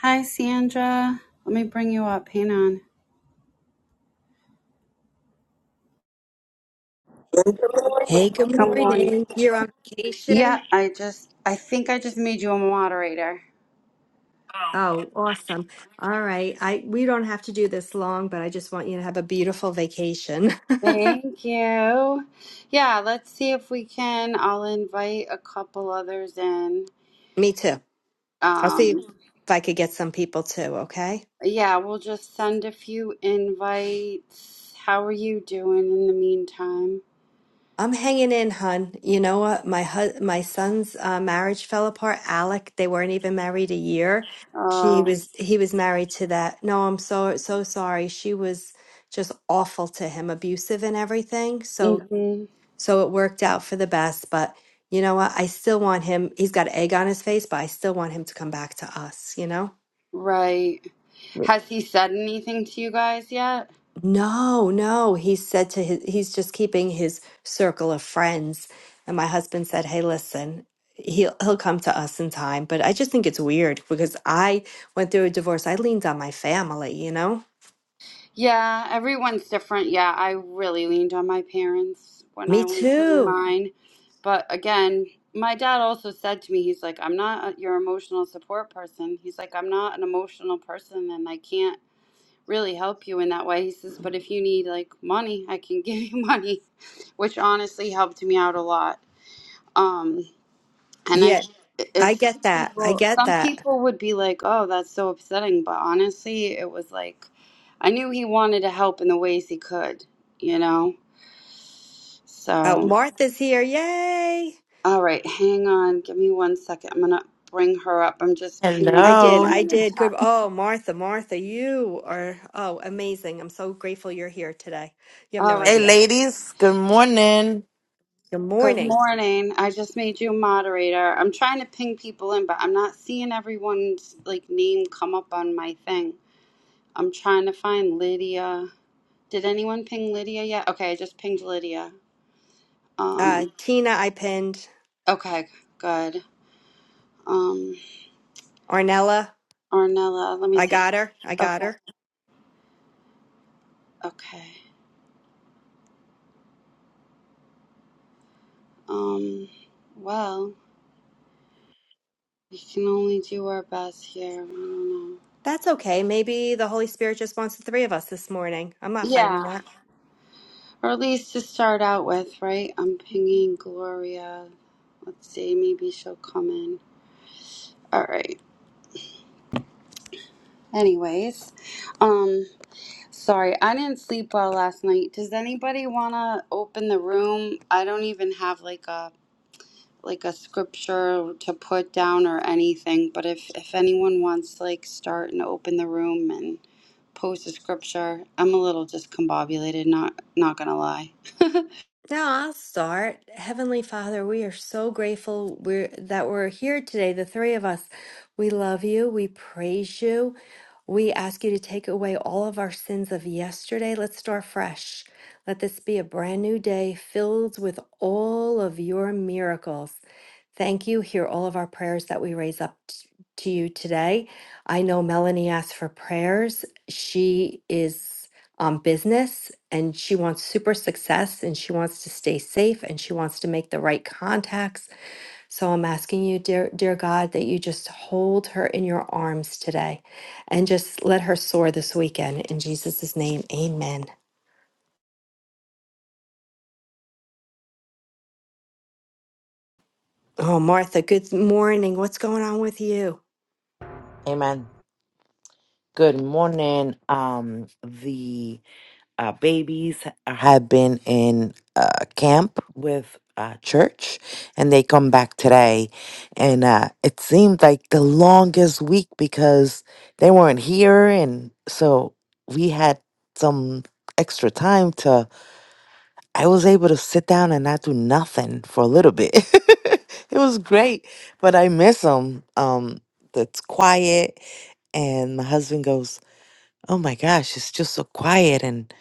Hi, Sandra. Let me bring you up. Hang on. Hey, good Good morning. morning. You're on Yeah, vacation? I just, I think I just made you a moderator. Oh, awesome. All right. I we don't have to do this long, but I just want you to have a beautiful vacation. Thank you. Yeah, let's see if we can. I'll invite a couple others in. Me too. I'll see if Um, I could get some people too, okay? yeah, we'll just send a few invites. How are you doing in the meantime? I'm hanging in, hun. You know what? My hu- my son's uh, marriage fell apart. Alec, they weren't even married a year. She Oh, was he was married to that. No, I'm so so sorry. She was just awful to him, abusive and everything. So mm-hmm. So it worked out for the best. But you know what? I still want him. He's got egg on his face, but I still want him to come back to us, you know? Right. Right. Has he said anything to you guys yet? No, no. He said to his, he's just keeping his circle of friends. And my husband said, Hey, listen, he'll, he'll come to us in time. But I just think it's weird because I went through a divorce. I leaned on my family, you know? Yeah, everyone's different. Yeah, I really leaned on my parents when I Me went through too. mine. But again, my dad also said to me, he's like, I'm not your emotional support person. He's like, I'm not an emotional person and I can't really help you in that way. He says, but if you need like money, I can give you money, which honestly helped me out a lot. Um, and I, Yeah, I it's some get that. I people, get some that. people would be like, "Oh, that's so upsetting," but honestly, it was like, I knew he wanted to help in the ways he could, you know. Oh, So, Martha's here. Yay. all right, hang on, give me one second. I'm gonna bring her up. I'm just pinging I did. Hello. someone I in the did. Good. chat. Oh, Martha, Martha, you are oh amazing. I'm so grateful you're here today. You have no All Hey right. idea. ladies, good morning. Good Good morning. morning. I just made you a moderator. I'm trying to ping people in, but I'm not seeing everyone's like name come up on my thing. I'm trying to find Lydia. Did anyone ping Lydia yet? Okay, I just pinged Lydia. Uh, Um, Tina, I pinned. okay, good. Um, Arnella, Ornella, let me I see. If, got her. I got okay, her. okay. Um, well, we can only do our best here. I don't know. That's okay. Maybe the Holy Spirit just wants the three of us this morning. I'm not Yeah, fighting or at least to start out with, right? I'm pinging Gloria. Let's see, maybe she'll come in. All right. Anyways, um, sorry, I didn't sleep well last night. Does anybody want to open the room? I don't even have like a like a scripture to put down or anything, but if if anyone wants to like start and open the room and post a scripture, I'm a little discombobulated, not not gonna lie. Now I'll start. Heavenly Father, we are so grateful we're, that we're here today, the three of us. We love you. We praise you. We ask you to take away all of our sins of yesterday. Let's start fresh. Let this be a brand new day filled with all of your miracles. Thank you. Hear all of our prayers that we raise up t- to you today. I know Melanie asked for prayers. She is um, business and she wants super success and she wants to stay safe and she wants to make the right contacts. So I'm asking you, dear, dear God, that you just hold her in your arms today and just let her soar this weekend. In Jesus' name, amen. Oh, Martha, good morning. What's going on with you? Amen. Good morning. Um the uh, babies have been in uh camp with uh church and they come back today and uh it seemed like the longest week because they weren't here and so we had some extra time to. I was able to sit down and not do nothing for a little bit. it was great, but I miss them. Um, that's quiet. And my husband goes, "Oh my gosh, it's just so quiet." And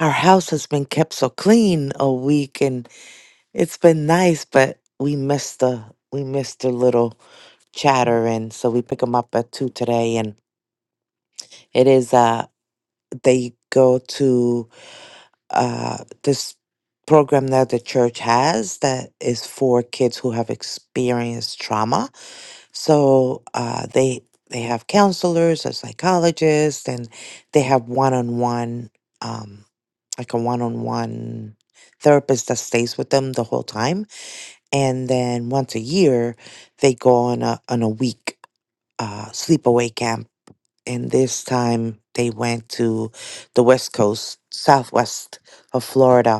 our house has been kept so clean a week, and it's been nice. But we missed the we missed the little chatter, and so we pick them up at two today. And it is uh they go to uh, this program that the church has that is for kids who have experienced trauma. So uh, they they have counselors or psychologists, and they have one on one, um, like a one on one therapist that stays with them the whole time. And then once a year, they go on a on a week uh, sleepaway camp. And this time they went to the West Coast, Southwest of Florida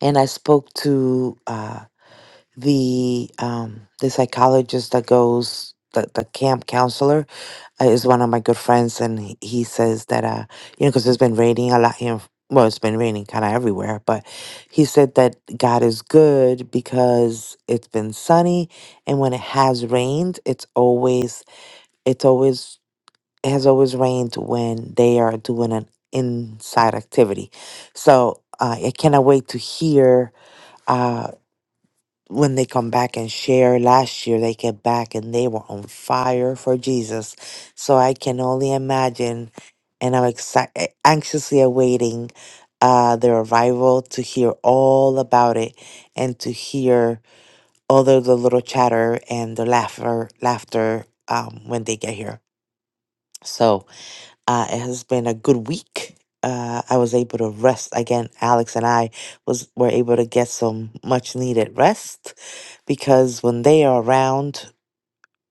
and I spoke to uh, the um, the psychologist that goes the, the camp counselor uh, is one of my good friends, and he, he says that uh, you know because it's been raining a lot here. in- Well, it's been raining kind of everywhere, but he said that God is good because it's been sunny, and when it has rained, it's always it's always it has always rained when they are doing an inside activity. So uh, I cannot wait to hear. uh, when they come back and share last year they came back and they were on fire for jesus so i can only imagine and i'm exci- anxiously awaiting uh their arrival to hear all about it and to hear all the, the little chatter and the laughter laughter um when they get here So. Uh, it has been a good week. Uh, I was able to rest again. Alex and I was were able to get some much needed rest because when they are around,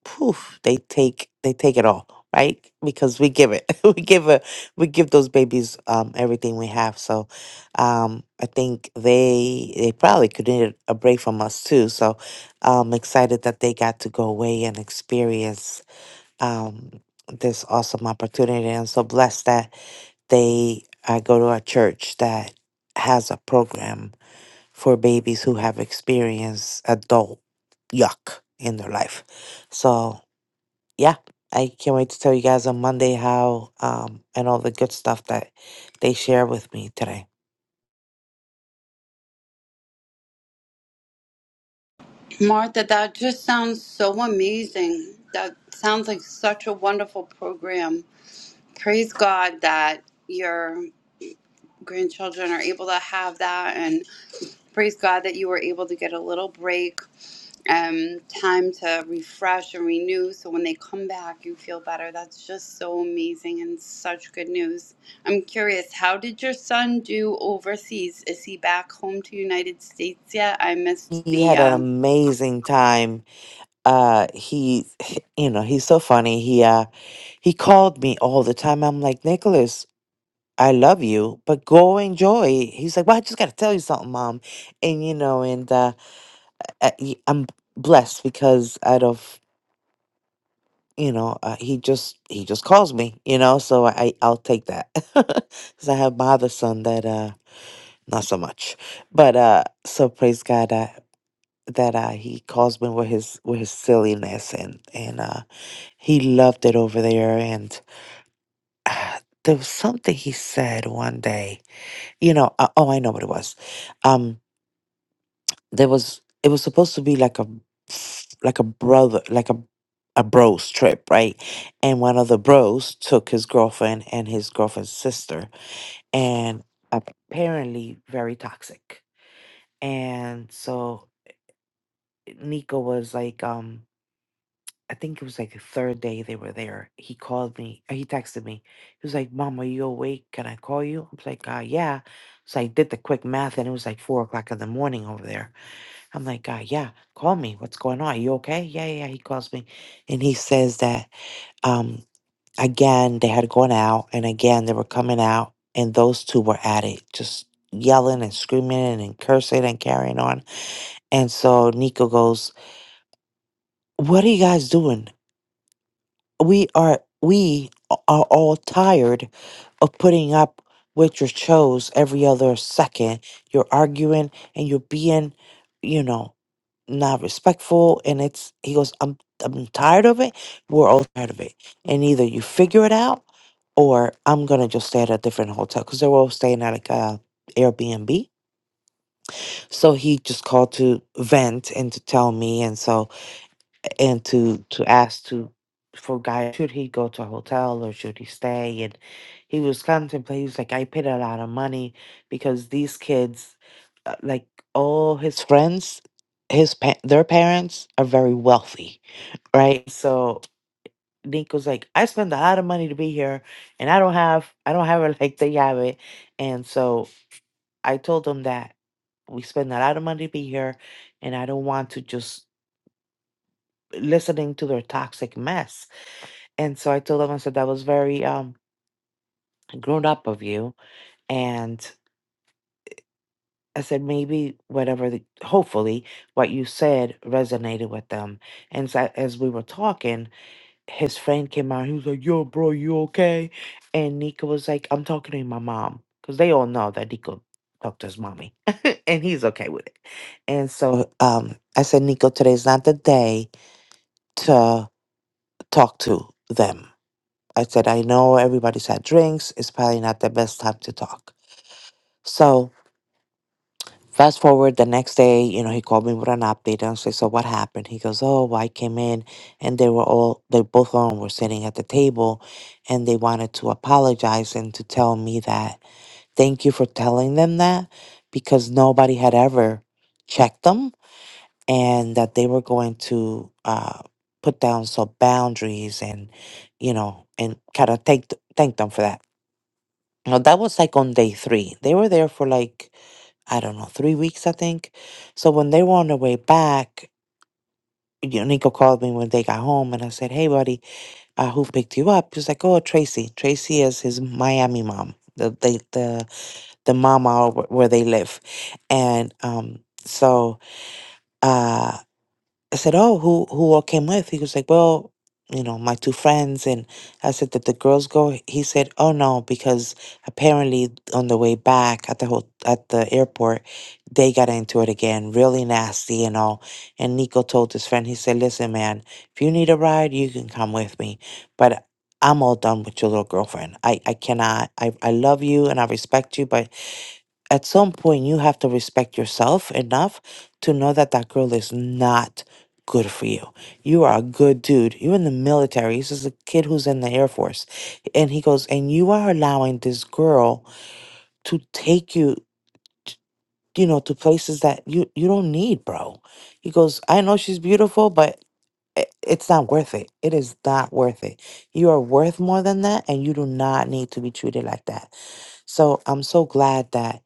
poof, they take they take it all, right? Because we give it, we give a, we give those babies um, everything we have. So, um, I think they they probably could need a break from us too. So, I'm excited that they got to go away and experience um, this awesome opportunity. And I'm so blessed that they I go to a church that has a program for babies who have experienced adult yuck in their life. So yeah, I can't wait to tell you guys on Monday how um and all the good stuff that they share with me today. Martha, that just sounds so amazing. That sounds like such a wonderful program. Praise God that your grandchildren are able to have that. and. praise God that you were able to get a little break, um, time to refresh and renew. So when they come back, you feel better. That's just so amazing and such good news. I'm curious, how did your son do overseas? Is he back home to United States yet? I missed He the. had an Uh, amazing time. Uh he you know, he's so funny. He uh he called me all the time. I'm like, Nicholas, I love you, but go enjoy. He's like, well, I just got to tell you something, mom. And, you know, and uh, uh, y- I'm blessed because out of, you know, uh, he just, he just calls me, you know, so I, I'll take that. Because I have my other son that, uh, not so much, but, uh, so praise God, uh, that uh, he calls me with his with his silliness and and uh, he loved it over there and uh, there was something he said one day you know uh, oh I know what it was um there was it was supposed to be like a f- like a brother like a a bros trip right and one of the bros took his girlfriend and his girlfriend's sister and apparently very toxic and so nico was like um i think it was like the third day they were there he called me uh, he texted me he was like mom are you awake can i call you i was like uh yeah so i did the quick math and it was like four o'clock in the morning over there I'm like, uh, yeah, call me. What's going on? Are you okay? Yeah, yeah. yeah." He calls me and he says that um again they had gone out and again they were coming out and those two were at it, just yelling and screaming and cursing and carrying on. And so Nico goes, What are you guys doing? We are we are all tired of putting up with your shows every other second. You're arguing and you're being, you know. not respectful and it's he goes i'm i'm tired of it we're all tired of it and either you figure it out or i'm gonna just stay at a different hotel because they were all staying at like a airbnb so he just called to vent and to tell me and so and to to ask to for guy should he go to a hotel or should he stay and he was contemplating he was like i paid a lot of money because these kids uh, like all his friends his pa- their parents are very wealthy right so nico's like i spend a lot of money to be here and i don't have i don't have it like they have it and so i told him that we spend a lot of money to be here and i don't want to just listening to their toxic mess And so I told him, I said, that was very um, grown up of you. And I said, maybe whatever, the, hopefully, what you said resonated with them. And so as we were talking, his friend came out. He was like, yo, bro, you okay? And Nico was like, I'm talking to my mom. Because they all know that Nico talked to his mommy. and he's okay with it. And so um, I said, Nico, today's not the day to talk to them I said, I know everybody's had drinks. It's probably not the best time to talk. So, fast forward the next day, you know, he called me with an update. And I said, So, what happened? He goes, Oh, well, I came in and they were all, they both of them were sitting at the table and they wanted to apologize and to tell me that thank you for telling them that because nobody had ever checked them and that they were going to uh, put down some boundaries and, you know, and kind of thank, thank them for that. No, that was like on day three. They were there for like, I don't know, three weeks, I think. So when they were on their way back, you know, Nico called me when they got home and I said, Hey, buddy, uh, who picked you up? He was like, Oh, Tracy. Tracy is his Miami mom, the the the, the mama where where they live. And um, so. uh, I said, "Oh, who who all came with?" He was like, "Well, you know, my two friends." And I said, "Did the girls go?" He said, "Oh no, because apparently on the way back at the whole, at the airport, they got into it again, really nasty and all." And Nico told his friend, he said, "Listen, man, if you need a ride, you can come with me, but." I'm all done with your little girlfriend. I, I cannot. I, I love you and I respect you, but at some point you have to respect yourself enough to know that that girl is not good for you. You are a good dude. You're in the military. This is a kid who's in the Air Force. And he goes, and you are allowing this girl to take you, t- you know, to places that you, you don't need, bro. He goes, I know she's beautiful, but i- it's not worth it. It is not worth it. You are worth more than that, and you do not need to be treated like that. So I'm so glad that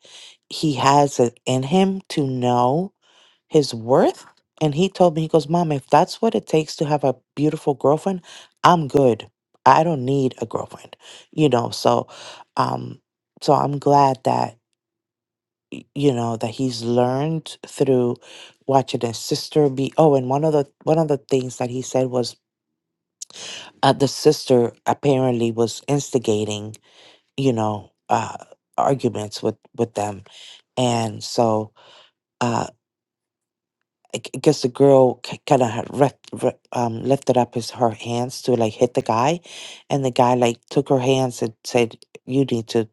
he has it in him to know his worth. And he told me, he goes, Mom, if that's what it takes to have a beautiful girlfriend, I'm good. I don't need a girlfriend. You know, so um so I'm glad that you know that he's learned through watching his sister be oh and one of the one of the things that he said was uh, the sister apparently was instigating you know uh arguments with with them and so uh I g- guess the girl kind of had rec- re- um, lifted up his her hands to like hit the guy, and the guy like took her hands and said, "You need to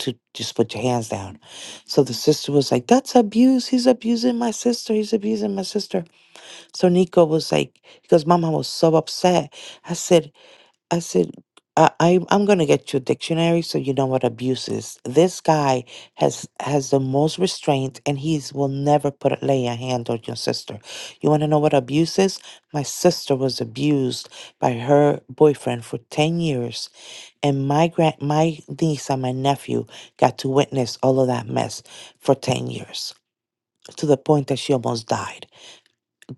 to just put your hands down." So the sister was like, "That's abuse. He's abusing my sister. He's abusing my sister." So Nico was like, "Because Mama was so upset." I said, I said, I, I I'm gonna get you a dictionary so you know what abuse is. This guy has has the most restraint and he's will never put lay a hand on your sister. You wanna know what abuse is? My sister was abused by her boyfriend for ten years and my grand my niece and my nephew got to witness all of that mess for ten years to the point that she almost died.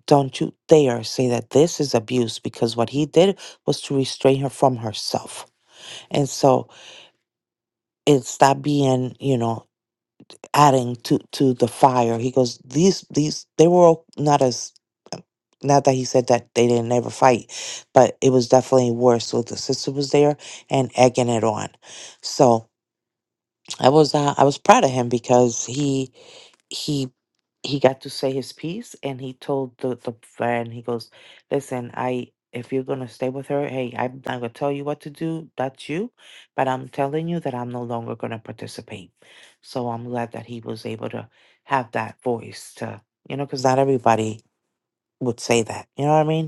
Don't you dare say that this is abuse because what he did was to restrain her from herself and so it's that being you know adding to to the fire he goes these these they were all not as not that he said that they didn't ever fight but it was definitely worse so the sister was there and egging it on so I was uh, I was proud of him because he he he got to say his piece and he told the the friend he goes, "Listen, I if you're gonna stay with her, hey, I'm not gonna tell you what to do. That's you, but I'm telling you that I'm no longer gonna participate." So I'm glad that he was able to have that voice to you know because not everybody would say that. You know what I mean?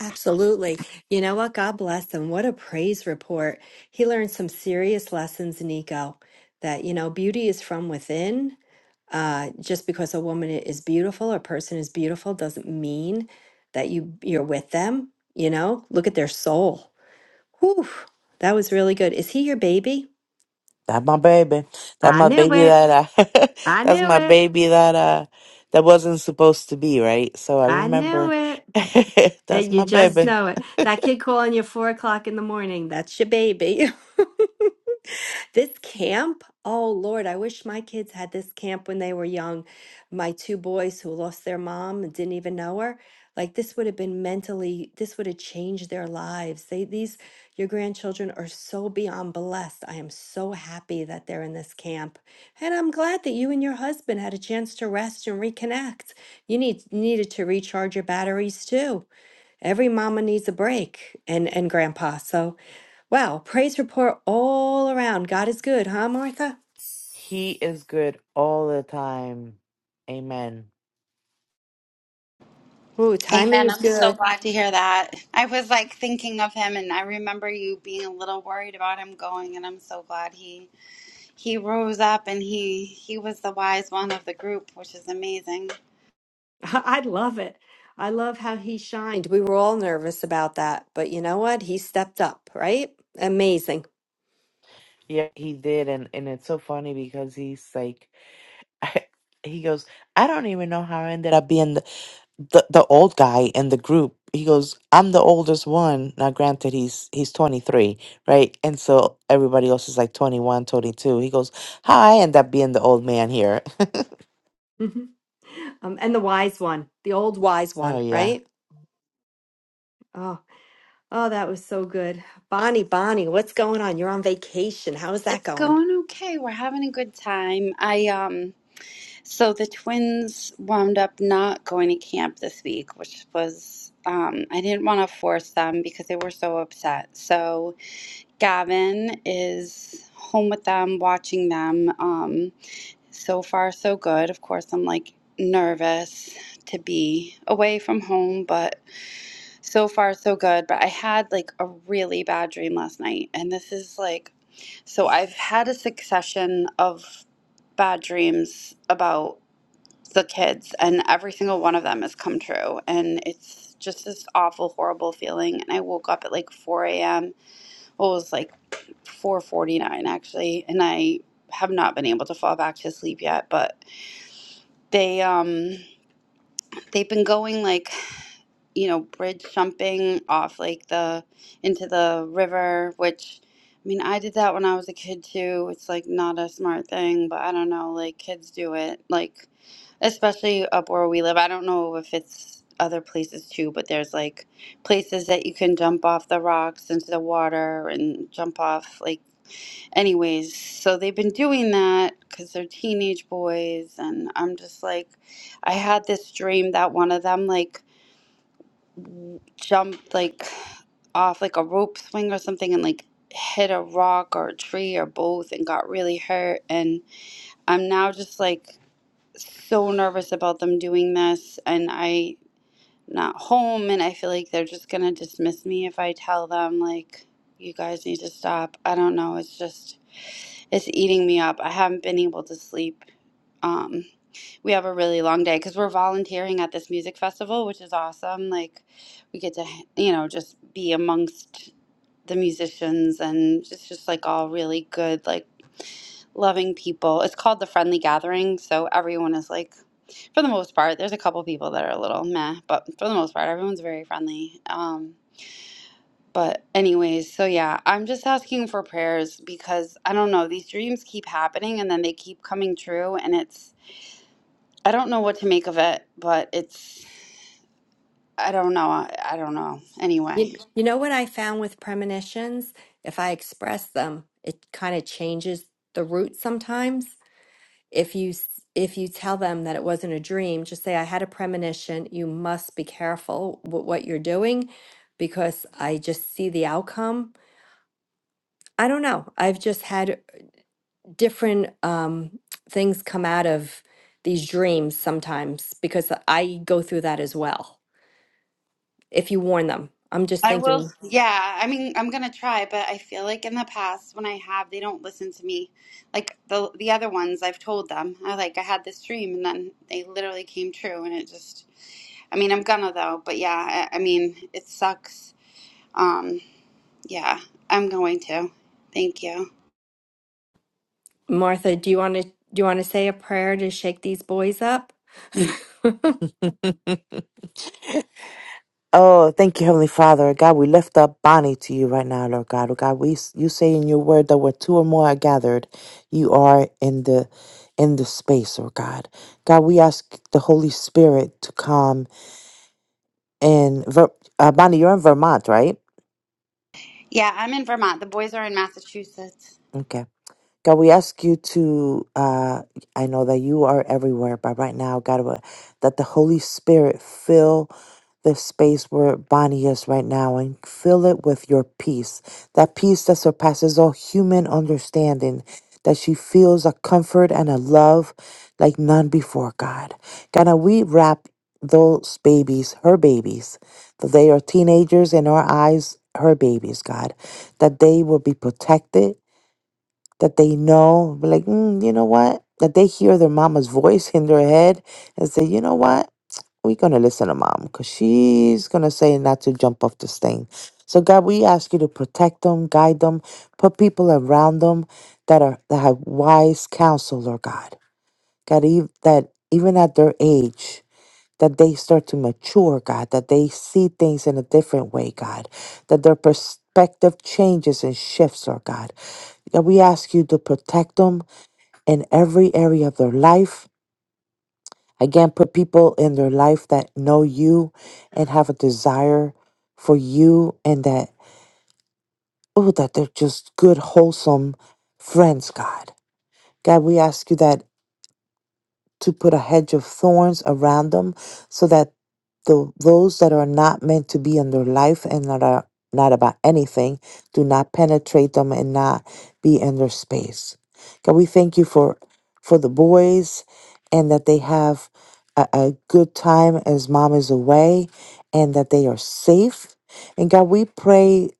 Absolutely. You know what? God bless him. What a praise report. He learned some serious lessons, Nico, that, you know, beauty is from within. Uh, just because a woman i- is beautiful, or a person is beautiful, doesn't mean that you you're with them. You know, look at their soul. Whew, that was really good. Is he your baby? That my baby. That I my knew baby it. that I I that's knew my it. baby that uh that wasn't supposed to be, right? So I I knew remember it. that's And you my just baby. know it. That kid calling you four o'clock in the morning, that's your baby. This camp, oh Lord, I wish my kids had this camp when they were young. My two boys who lost their mom and didn't even know her. Like this would have been mentally, this would have changed their lives. They, these, your grandchildren are so beyond blessed. I am so happy that they're in this camp. And I'm glad that you and your husband had a chance to rest and reconnect. You need needed to recharge your batteries too. Every mama needs a break and, and grandpa. So, wow, praise report all around. God is good, huh, Martha? He is good all the time. Amen. Ooh, timing Amen. is I'm so good. glad to hear that. I was like thinking of him, and I remember you being a little worried about him going, and I'm so glad he he rose up and he he was the wise one of the group, which is amazing. I love it. I love how he shined. We were all nervous about that, but you know what? He stepped up, right? Amazing. Yeah, he did and and it's so funny because he's like he goes, I don't even know how I ended up being the the old guy in the group he goes i'm the oldest one now granted he's he's 23 right and so everybody else is like 21 22 he goes "How i end up being the old man here Mhm. Um, and the wise one, the old wise oh one, yeah right? Oh, oh, that was so good. Bonnie, Bonnie, what's going on? You're on vacation. How is that It's going? going okay. We're having a good time. I um so the twins wound up not going to camp this week, which was um I didn't want to force them because they were so upset. So Gavin is home with them watching them. Um so far so good. Of course, I'm like nervous to be away from home, but so far, so good, but I had like a really bad dream last night. And this is like, so I've had a succession of bad dreams about the kids, and every single one of them has come true. And it's just this awful, horrible feeling. And I woke up at like 4 a.m. Well, it was like 4:49 actually, and I have not been able to fall back to sleep yet, but they um they've been going like you know, bridge jumping off like the into the river, which I mean, I did that when I was a kid too. It's like not a smart thing, but I don't know, like kids do it, like especially up where we live. I don't know if it's other places too, but there's like places that you can jump off the rocks into the water and jump off like anyways. So they've been doing that cuz they're teenage boys and I'm just like I had this dream that one of them like jumped like off like a rope swing or something and like hit a rock or a tree or both and got really hurt and I'm now just like so nervous about them doing this and I not home and I feel like they're just gonna dismiss me if I tell them like you guys need to stop. I don't know, it's just it's eating me up. I haven't been able to sleep. Um we have a really long day because we're volunteering at this music festival, which is awesome. Like, we get to, you know, just be amongst the musicians and it's just like all really good, like loving people. It's called the Friendly Gathering. So everyone is like, for the most part, there's a couple people that are a little meh, but for the most part, everyone's very friendly. Um, but, anyways, so yeah, I'm just asking for prayers because I don't know, these dreams keep happening and then they keep coming true. And it's, I don't know what to make of it, but it's I don't know. I, I don't know. Anyway, You, you know what I found with premonitions? If I express them, it kind of changes the route sometimes. If you s- if you tell them that it wasn't a dream, just say I had a premonition. You must be careful with what you're doing because I just see the outcome. I don't know. I've just had different um, things come out of these dreams sometimes because I go through that as well. If you warn them, I'm just I will. thinking Yeah, I mean, I'm gonna try, but I feel like in the past when I have, they don't listen to me. Like the the other ones, I've told them. I like I had this dream, and then they literally came true, and it just. I mean, I'm gonna though, but yeah, I, I mean, it sucks. Um, yeah, I'm going to. Thank you. Martha, do you want to do you want to say a prayer to shake these boys up? oh thank you heavenly father god we lift up bonnie to you right now lord god oh god we you say in your word that where two or more are gathered you are in the in the space oh god god we ask the holy spirit to come in Ver- uh, Bonnie, you're in Vermont, right? Yeah, I'm in Vermont. The boys are in Massachusetts. Okay. God, we ask you to, uh, I know that you are everywhere, but right now, God, we- that the Holy Spirit fill the space where Bonnie is right now and fill it with your peace, that peace that surpasses all human understanding, that she feels a comfort and a love like none before, God. God, now we wrap those babies, her babies, that they are teenagers in our eyes, her babies, God, that they will be protected that they know, be like, mm, you know what? That they hear their mama's voice in their head and say, you know what? We're going to listen to mom because she's going to say not to jump off this thing. So, God, we ask you to protect them, guide them, put people around them that are that have wise counsel, Lord God. God, ev- that even at their age, that they start to mature, God, that they see things in a different way, God, that their perspective changes and shifts, Lord God. that we ask you to protect them, in every area of their life. Again, put people in their life that know you and have a desire for you and that, oh, that they're just good, wholesome friends, God. God, we ask you that to put a hedge of thorns around them so that the those that are not meant to be in their life and that are not about anything do not penetrate them and not be in their space. God, we thank you for for the boys and that they have a, a good time as mom is away and that they are safe. And God, we pray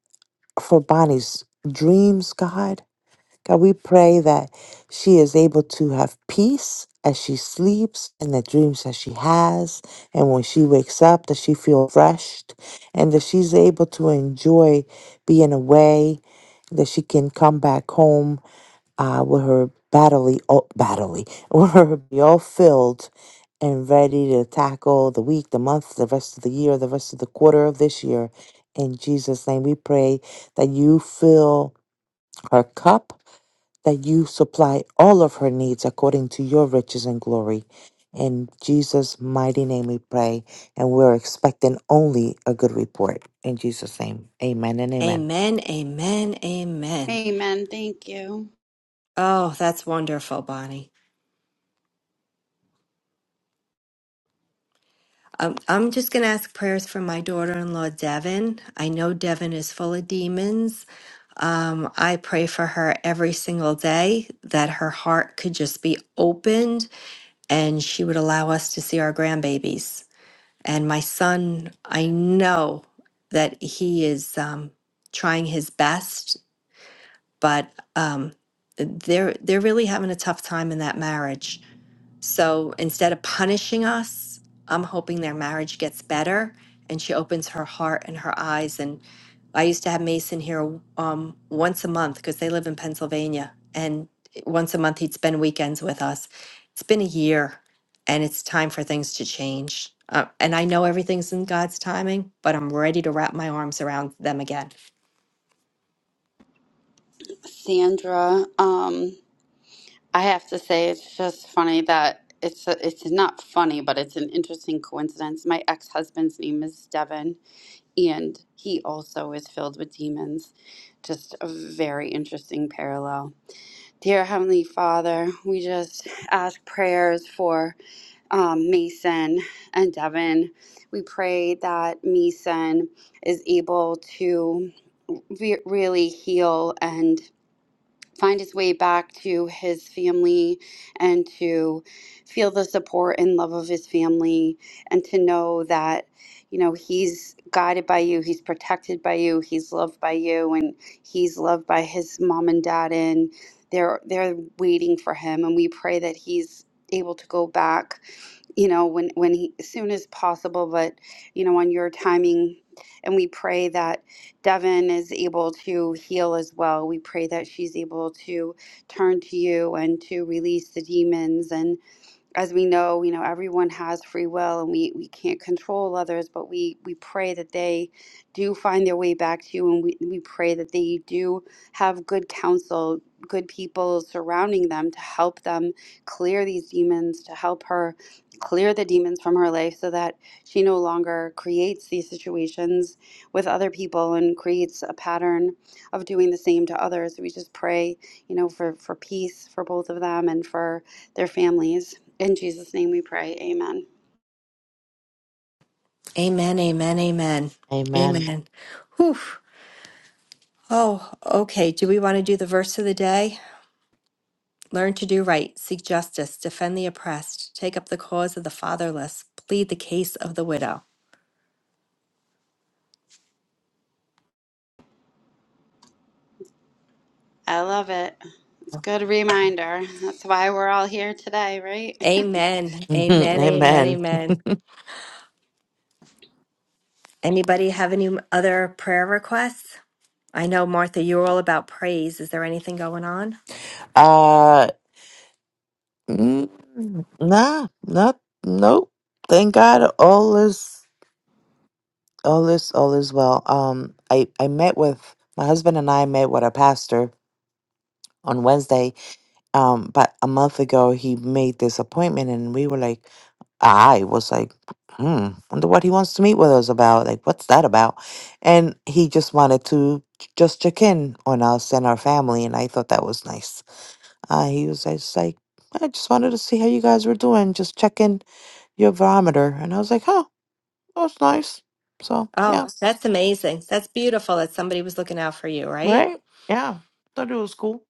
for Bonnie's dreams, God. God, we pray that she is able to have peace as she sleeps and the dreams that she has. And when she wakes up, that she feels refreshed and that she's able to enjoy being away, that she can come back home uh, with her battery, oh, battery, with her be all filled and ready to tackle the week, the month, the rest of the year, the rest of the quarter of this year. In Jesus' name, we pray that you fill her cup that you supply all of her needs according to your riches and glory. In Jesus' mighty name we pray, and we're expecting only a good report. In Jesus' name, amen and amen. Amen, amen, amen. Amen. Thank you, Oh, that's wonderful, Bonnie. Um, I'm just going to ask prayers for my daughter-in-law, Devin. I know Devin is full of demons. Um, I pray for her every single day that her heart could just be opened and she would allow us to see our grandbabies. And my son, I know that he is um, trying his best but um, they're they're really having a tough time in that marriage. So instead of punishing us, I'm hoping their marriage gets better and she opens her heart and her eyes. And I used to have Mason here um, once a month because they live in Pennsylvania, and once a month he'd spend weekends with us. It's been a year, and it's time for things to change. Uh, and I know everything's in God's timing, but I'm ready to wrap my arms around them again. Sandra. Um. I have to say, it's just funny that it's a, it's not funny, but it's an interesting coincidence. My ex-husband's name is Devin, and he also is filled with demons. Just a very interesting parallel. Dear Heavenly Father, we just ask prayers for um, Mason and Devin. We pray that Mason is able to re- really heal and find his way back to his family and to feel the support and love of his family and to know that you know he's guided by you he's protected by you he's loved by you and he's loved by his mom and dad and they're they're waiting for him and we pray that he's able to go back you know, when when he as soon as possible, but you know, on your timing. And we pray that Devin is able to heal as well. We pray that she's able to turn to you and to release the demons. and as we know, you know, everyone has free will and we, we can't control others, but we, we pray that they do find their way back to you and we, we pray that they do have good counsel, good people surrounding them to help them clear these demons, to help her clear the demons from her life so that she no longer creates these situations with other people and creates a pattern of doing the same to others. We just pray, you know, for, for peace for both of them and for their families. In Jesus' name we pray. Amen. Amen, amen, amen. Amen. Amen. Whew. Oh, okay. Do we want to do the verse of the day? Learn to do right, seek justice, defend the oppressed, take up the cause of the fatherless, plead the case of the widow. I love it. It's a good reminder. That's why we're all here today, right? Amen, amen, amen, amen. amen. Anybody have any other prayer requests? I know, Martha, you're all about praise. Is there anything going on? Uh, mm, nah, not, nope. Thank God all is, all is, all is well. Um, I, I met with, my husband and I met with a pastor on Wednesday um but a month ago he made this appointment and we were like I was like, hmm, wonder what he wants to meet with us about. Like, what's that about? And he just wanted to j- just check in on us and our family. And I thought that was nice. Uh, he was just like, I just wanted to see how you guys were doing, just checking your barometer. And I was like, oh, that's nice. So, yeah, Oh, that's amazing. That's beautiful that somebody was looking out for you, right? right? Yeah, thought it was cool.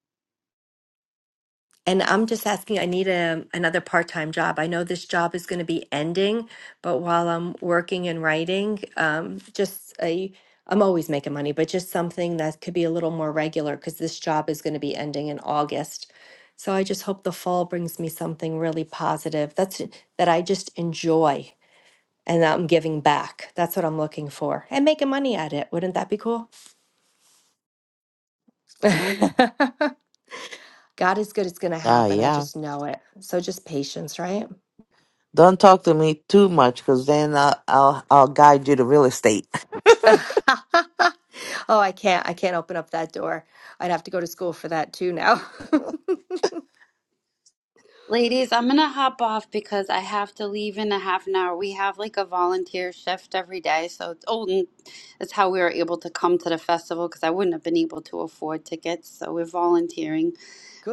And I'm just asking, I need a, another part-time job. I know this job is going to be ending, but while I'm working and writing, um, just a, I'm always making money, but just something that could be a little more regular because this job is going to be ending in August. So I just hope the fall brings me something really positive. That's that I just enjoy and that I'm giving back. That's what I'm looking for and making money at it. Wouldn't that be cool? God is good. It's going to Ah, happen. I yeah. just know it. So just patience, right? Don't talk to me too much because then I'll, I'll, I'll guide you to real estate. Oh, I can't. I can't open up that door. I'd have to go to school for that too now. Ladies, I'm going to hop off because I have to leave in a half an hour. We have like a volunteer shift every day. So it's, oh, and it's how we were able to come to the festival because I wouldn't have been able to afford tickets. So we're volunteering.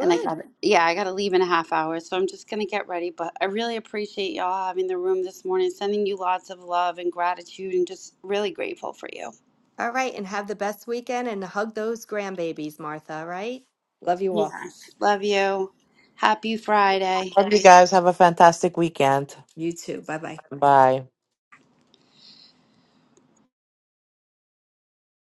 And I got, yeah, I got to leave in a half hour. So I'm just going to get ready. But I really appreciate y'all having the room this morning, sending you lots of love and gratitude and just really grateful for you. All right. And have the best weekend and hug those grandbabies, Martha, all right? Love you all. Yes, Love you. Happy Friday. Hope you guys have a fantastic weekend. You too. Bye bye. Bye.